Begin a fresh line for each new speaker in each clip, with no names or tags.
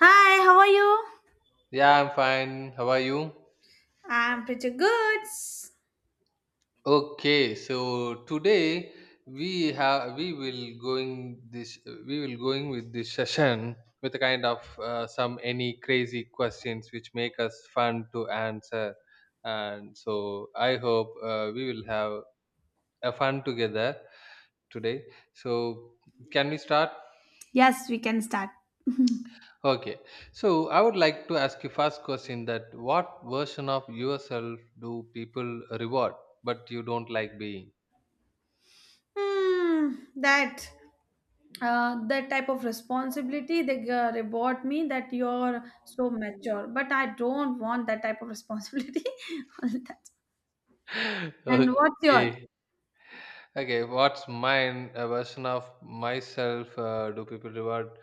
Hi, how are you?
Yeah, I'm fine. How are you?
I'm pretty good.
Okay, so today we have we will going this we will going with this session with a kind of some any crazy questions which make us fun to answer, and so I hope we will have a fun together today. So can we start?
Yes, we can start.
Okay, so I would like to ask you first question that what version of yourself do people reward but you don't like being?
Hmm, that that type of responsibility they reward me that you're so mature, but I don't want that type of responsibility. All that. And what's your?
Okay. Okay, what's mine? A version of myself. Do people reward?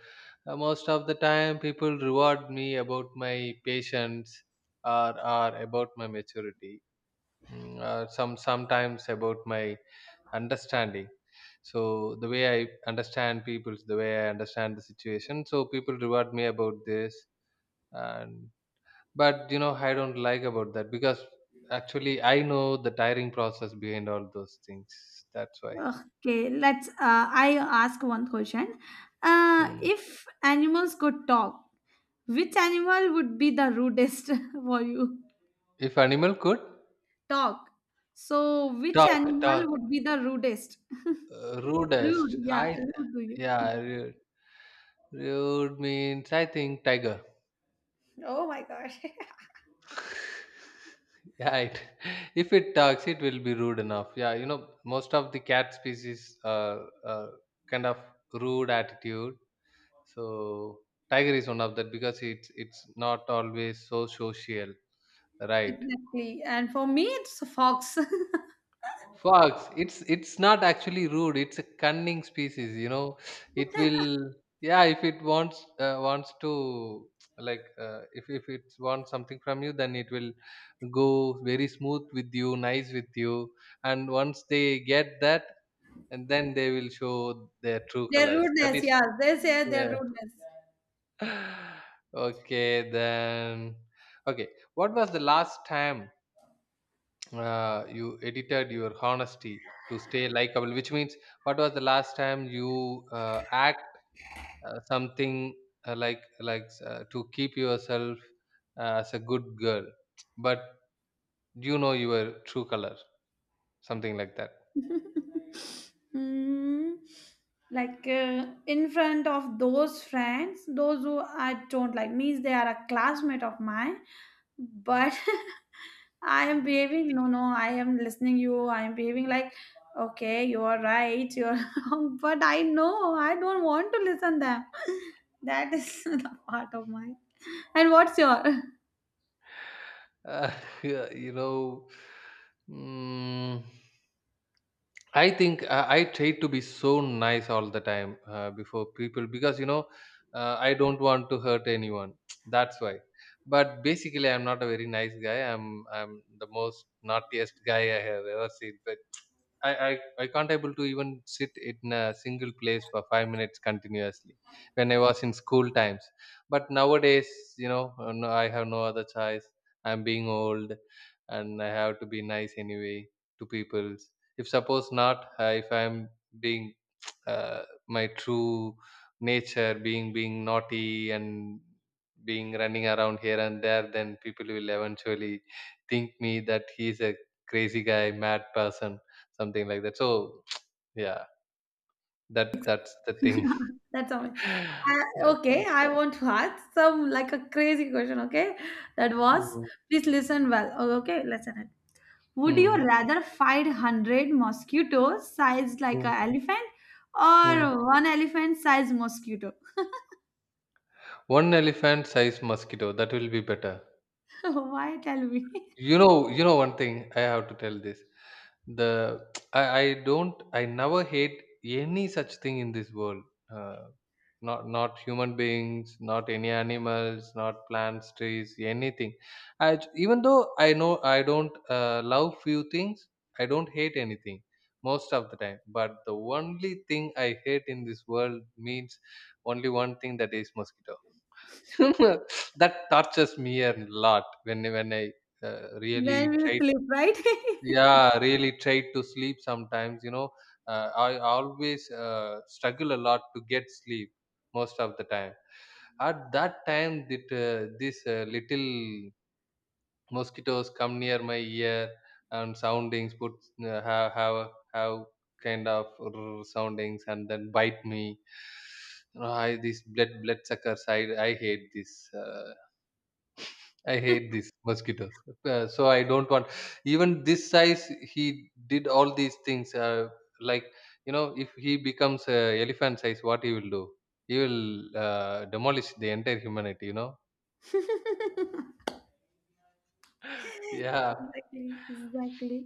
Most of the time, people reward me about my patience or about my maturity. Sometimes about my understanding. So the way I understand people, the way I understand the situation. So people reward me about this, and but you know, I don't like about that because actually I know the tiring process behind all those things. That's why.
Okay, let's. I ask one question.
Hmm.
If animals could talk, which animal would be the rudest for you?
If animal could
Talk. So, which
talk,
animal would be the rudest? Rude,
rudest.
yeah,
I
rude to you.
yeah, rude means I think tiger.
Oh my gosh.
Right. If it talks, it will be rude enough. Yeah, you know, most of the cat species are kind of rude attitude. So tiger is one of that because it's not always so social, right?
Exactly. And for me, it's a fox.
Fox, it's not actually rude. It's a cunning species, you know. It will, yeah. If it wants wants to like if it wants something from you, then it will go very smooth with you, nice with you. And once they get that, and then they will show their true
Their
colors. That
rudeness,
is,
yeah, they say their
yeah.
rudeness.
Okay, then. Okay, what was the last time you edited your honesty to stay likable, which means what was the last time you act something to keep yourself as a good girl but you know your true color something like that.
mm, like In front of those friends, those who I don't like, means they are a classmate of mine, but I am behaving. No, no, I am listening you. I am behaving like, okay, you are right, you are wrong. But I know I don't want to listen them. That is the part of my. And what's your?
uh, yeah, you know, mm, I think I try to be so nice all the time before people because you know I don't want to hurt anyone. That's why. But basically, I'm not a very nice guy. I'm the most naughtiest guy I have ever seen. But I can't able to even sit in a single place for 5 minutes continuously when I was in school times. But nowadays, you know, no, I have no other choice. I'm being old, and I have to be nice anyway to people if suppose not if I'm being my true nature being naughty and being running around here and there, then people will eventually think me that he's a crazy guy, mad person, something like that. So yeah, that's the thing.
That's all.
Yeah.
Okay, I want to ask some like a crazy question. Okay, that was.
Mm,
Please listen well. Oh, okay, listen it. Would you
mm,
rather fight hundred mosquitoes sized like
mm,
an elephant,
mm.
or one elephant sized mosquito?
One elephant size mosquito, that will be better.
Why tell me?
You know, one thing I have to tell this. The I don't, I never hate any such thing in this world. Uh, not human beings, not any animals, not plants, trees, anything. Even though I know I don't love few things, I don't hate anything most of the time. But the only thing I hate in this world means only one thing, that is mosquito. That tortures me a lot when I
Then
really
we will
try.
sleep, right?
Yeah, really try to sleep sometimes, you know, I always struggle a lot to get sleep most of the time. At that time, that this little mosquitoes come near my ear and soundings put uh, have have have kind of soundings and then bite me. These blood suckers, I hate this. I hate these mosquitoes. So I don't want even this size. He did all these things. Like, you know, if he becomes elephant size, what he will do? He will demolish the entire humanity. You know? Yeah.
Exactly, exactly.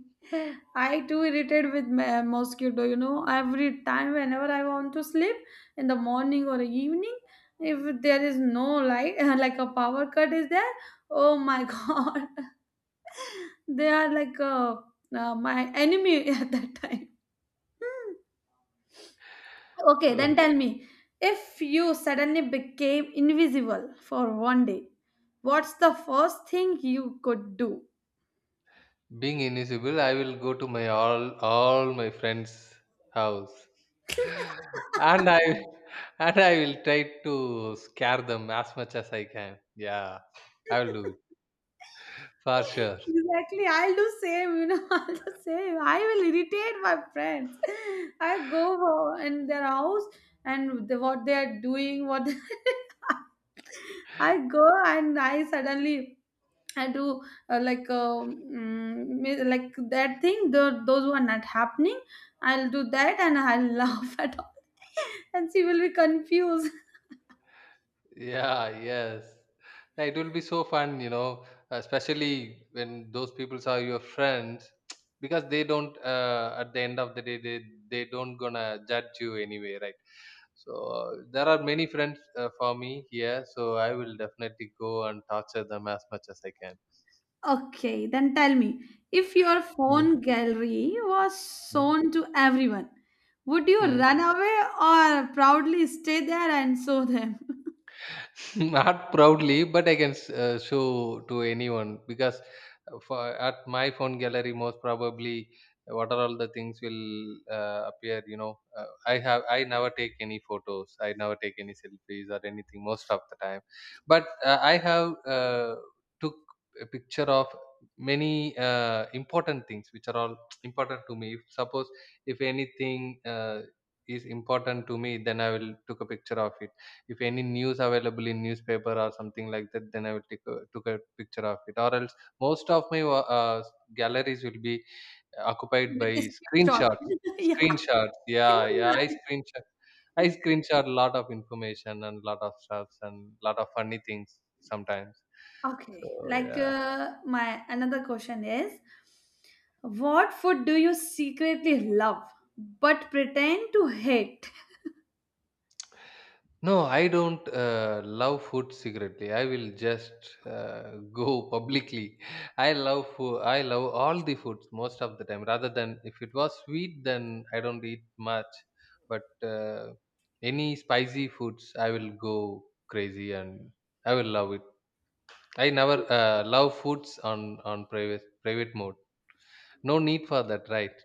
I too irritated with my mosquito, you know, every time whenever I want to sleep in the morning or evening, if there is no light, like a power cut is there, oh my god, they are like my enemy at that time. Hmm. Okay,
Uh,
then tell me, if you suddenly became invisible for one day, what's the first thing you could do?
Being invisible, I will go to my all my friends' house, and I and I will try to scare them as much as I can. Yeah, I will do it for sure.
Exactly, I'll do same, you know, I'll do same. I will irritate my friends. I go over in their house and the, what they are doing, what I go and I suddenly I do like that thing. Those who are not happening, I'll do that and I'll laugh at all, and she will be confused.
Yeah, yes. Yeah, it will be so fun, you know, especially when those people are your friends, because they don't. At the end of the day, they don't gonna judge you anyway, right? So there are many friends for me here, so I will definitely go and torture them as much as I can.
Okay, then tell me, if your
Mm,
phone gallery was
mm.
shown to everyone, would you
Hmm.
run away or proudly stay there and show them
Not proudly, but show to anyone because for at my phone gallery, most probably what are all the things will appear. You know, I never take any photos, I never take any selfies or anything most of the time, but I have uh, took a picture of many important things which are all important to me. If, suppose, if anything is important to me, then I will took a picture of it. If any news available in newspaper or something like that, then I will took a picture of it. Or else, most of my galleries will be occupied
with
by
a screenshot?
screenshots.
Yeah,
screenshots yeah
same.
yeah i
Here.
screenshot I screenshot a lot of information and lot of stuffs and lot of funny things sometimes. So
Okay,
yeah.
my another question is, what food do you secretly love but pretend to hate?
No, I don't love food secretly. I will just go publicly. I love food. I love all the foods most of the time. Rather than if it was sweet, then I don't eat much. But any spicy foods, I will go crazy and I will love it. I never love foods on private mode. No need for that, right?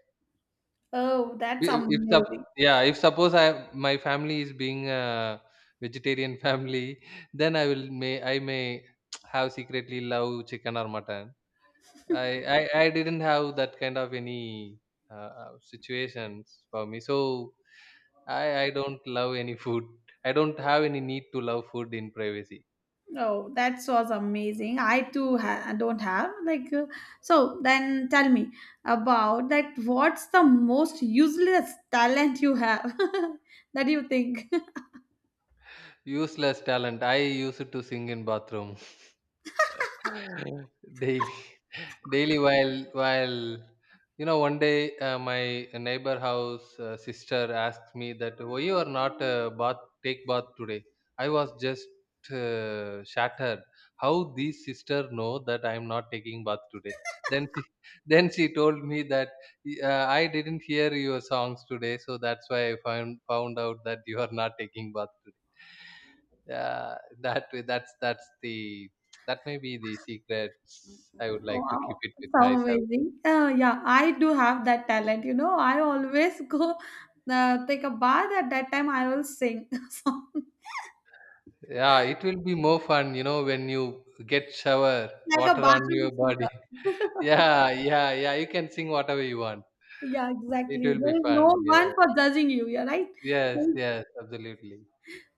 Oh, that's
I- if sup-
amazing.
Yeah, if suppose I my family is being a vegetarian family, then I may have secretly love chicken or mutton. i I didn't have that kind of any situations for me, so i don't love any food, I don't have any need to love food in privacy.
Oh, that was amazing. I too don't have like so. Then tell me about that. What's the most useless talent you have that you think?
Useless talent, I used to sing in bathroom daily. Daily while you know, one day my neighbor house sister asked me that why you are not bath take bath today. I was just shattered how these sister know that I am not taking bath today. then she, then she told me that I didn't hear your songs today, so that's why I found out that you are not taking bath today. Yeah, that's the, that may be the secrets I would like to keep
Wow,
it with
so
myself.
amazing. Yeah, I do have that talent. You know, I always go take a bath. At that time, I will sing a song
Yeah, it will be more fun, you know, when you get shower
like a
water on
bathroom
your body.
singer.
Yeah, yeah, yeah. You can sing whatever you want.
Yeah,
It
exactly.
will
There
be
is
fun.
no one
Yeah.
for judging you. You're right.
Yes, yes, absolutely.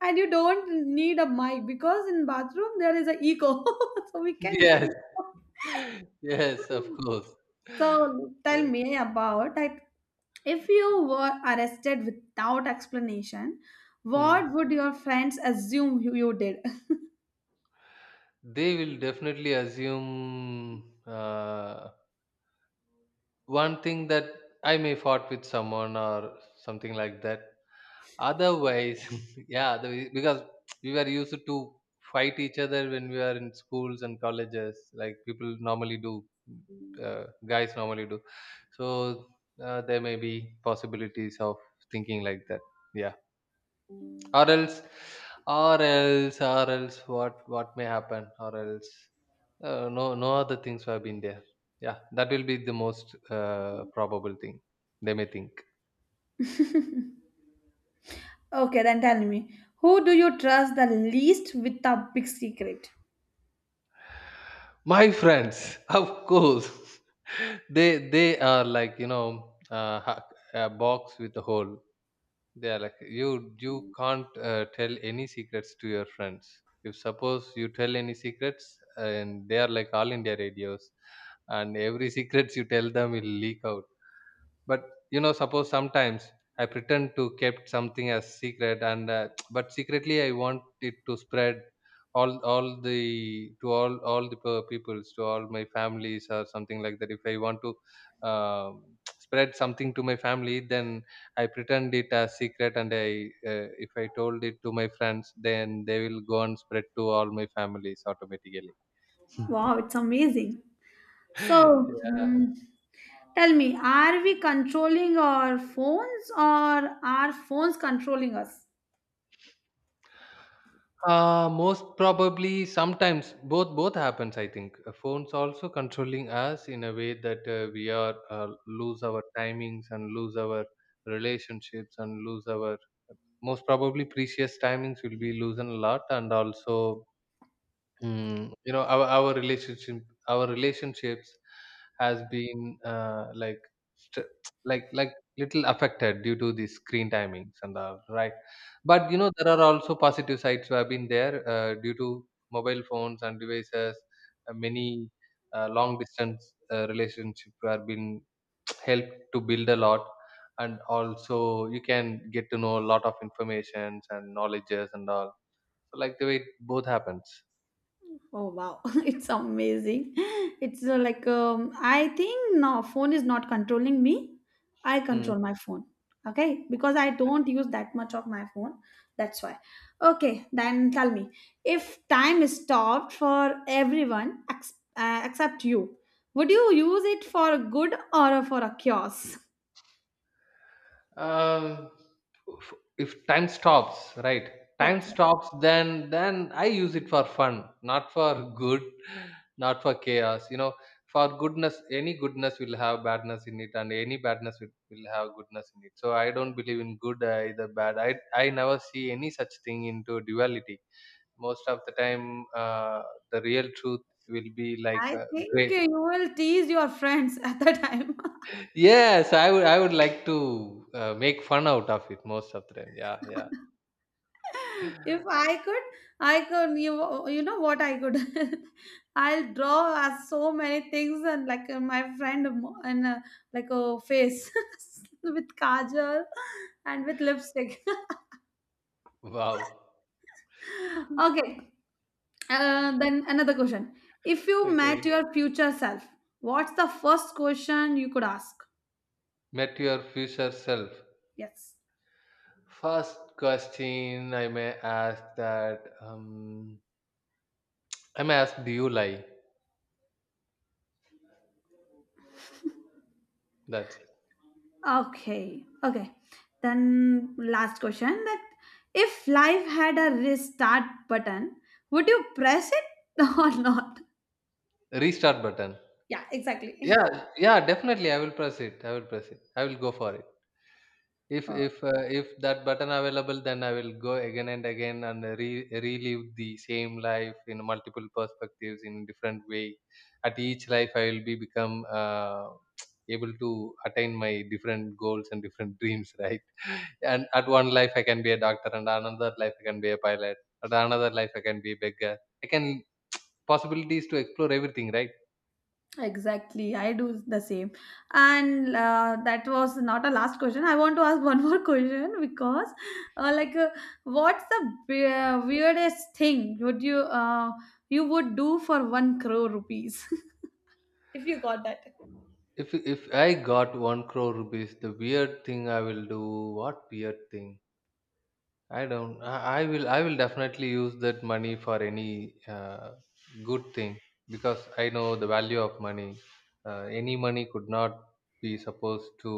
And you don't need a mic because in bathroom there is a echo, so we can
Yes,
sing.
yes, of course.
So tell
Yeah.
me about like if you were arrested without explanation,
Hmm.
what would your friends assume you did?
They will definitely assume one thing, that I may fought with someone or something like that. Otherwise, yeah, the, because we were used to fight each other when we were in schools and colleges, like people normally do, guys normally do. So there may be possibilities of thinking like that. Yeah, or else, what may happen? Or else, no, no other things have been there. Yeah, that will be the most probable thing they may think.
Okay, then tell me, who do you trust the least with a big secret?
My friends, of course. they are like, you know, a box with a hole. They are like, you can't tell any secrets to your friends. If suppose you tell any secrets and they are like all india radios, and every secrets you tell them will leak out. But you know, suppose sometimes I pretend to kept something as secret and but secretly I want it to spread all the to peoples, to all my families, or something like that. If I want to um spread something to my family, then I pretend it as secret, and I if I told it to my friends, then they will go and spread to all my families automatically.
Wow, it's amazing. So,
Yeah.
hmm, tell me, are we controlling our phones or are phones controlling us?
Most probably sometimes both happens, I think. Phones also controlling us in a way that we are lose our timings and lose our relationships and lose our uh, most probably precious timings will be losing a lot. And also, you know, our relationship, our relationships has been like st- like like little affected due to the screen timings and all, right? But you know, there are also positive sides who have been there due to mobile phones and devices. Many long distance relationship have been helped to build a lot, and also you can get to know a lot of informations and knowledges and all. So, like the way it both happens.
Oh wow, it's amazing. It's I think no, phone is not controlling me. I control my phone. Okay, because I don't use that much of my phone. That's why. Okay, then tell me if time is stopped for everyone except you, would you use it for good or for a cause?
Um, if time stops, right? Time
Yes,
stops, then I use it for fun, not for good, not for chaos. You know, for goodness, any goodness will have badness in it, and any badness will have goodness in it. So I don't believe in good either bad. I never see any such thing into duality most of the time. uh, the real truth will be like
I think
gray.
you will tease your friends at the time.
Yes, I would like to make fun out of it most of the time. Yeah, yeah.
If I could, you know what I could, I'll draw as so many things and like my friend mo- and like a face with kajal and with lipstick
Wow.
okay then another question, if you met
Okay.
your future self, what's the first question you could ask?
Met your future self.
Yes.
First question I may ask, that I may ask, do you lie? That's
Okay, okay. Then last question that if life had a restart button, would you press it or not?
restart button.
Yeah, exactly.
Yeah, yeah, definitely I will press it. I will press it. I will go for it.
Uh,
If that button available, then I will go again and again and relive the same life in multiple perspectives in different way. At each life, I will be become able to attain my different goals and different dreams, right? And at one life, I can be a doctor, and another life, I can be a pilot. At another life, I can be a beggar. I can possibilities to explore everything, right?
Exactly, I do the same. And that was not a last question. I want to ask one more question because, uh, like, uh, what's the weirdest thing would you you would do for one crore rupees if you got that?
If I got one crore rupees, the weird thing I will do. What weird thing? I don't. I will. I will definitely use that money for any good thing because I know the value of money. Any money could not be supposed to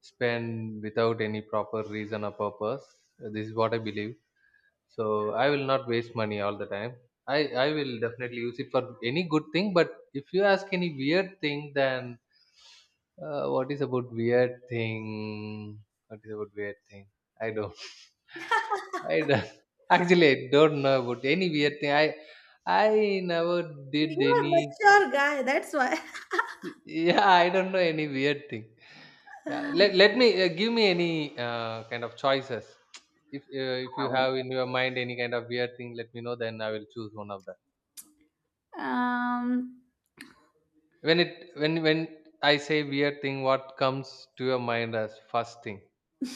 spend without any proper reason or purpose. This is what I believe. So I will not waste money all the time. I will definitely use it for any good thing. But if you ask any weird thing, then what is about weird thing? What is about weird thing? I don't. I don't actually, I don't know about any weird thing. I never did
You are
any.
mature guy. That's why.
Yeah, I don't know any weird thing. Yeah, let me give me any kind of choices. If you have in your mind any kind of weird thing, let me know. Then I will choose one of that.
Um,
When it when I say weird thing, what comes to your mind as first thing?
it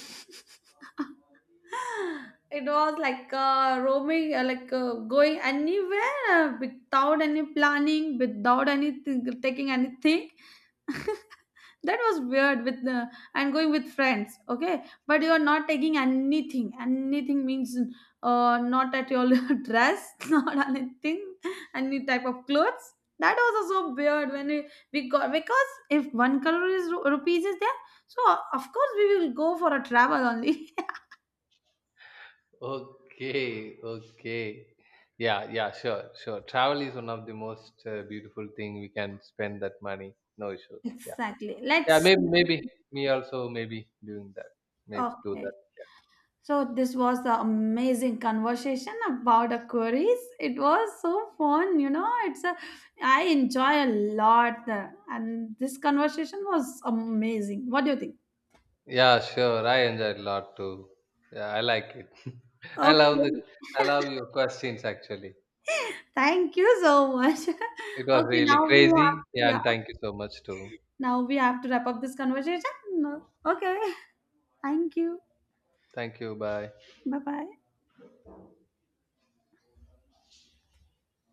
was like roaming, going anywhere without any planning, without anything, taking anything. That was weird with the, and going with friends, okay, but you are not taking anything, anything means not at your dress, not anything, any type of clothes. That was also weird when we got because if one color is rupees is there, so of course we will go for a travel only.
Okay, okay. Yeah, yeah, sure, sure. Travel is one of the most beautiful thing we can spend that money. No issues. Yeah.
Exactly,
Yeah,
let's.
maybe me also maybe doing that. Maybe do that.
Okay. So this was the amazing conversation about the queries. It was so fun, you know. It's a I enjoy a lot, the, and this conversation was amazing. What do you think?
Yeah, sure. I enjoy it a lot too. Yeah, I like it. I love the
Okay,
I love your questions actually.
thank you so much. Okay,
It was
now
really
we have
crazy.
to,
Yeah,
yeah.
and thank you so much too.
Now we have to wrap up this conversation. No. Okay, thank you.
Thank you. Bye.
Bye bye.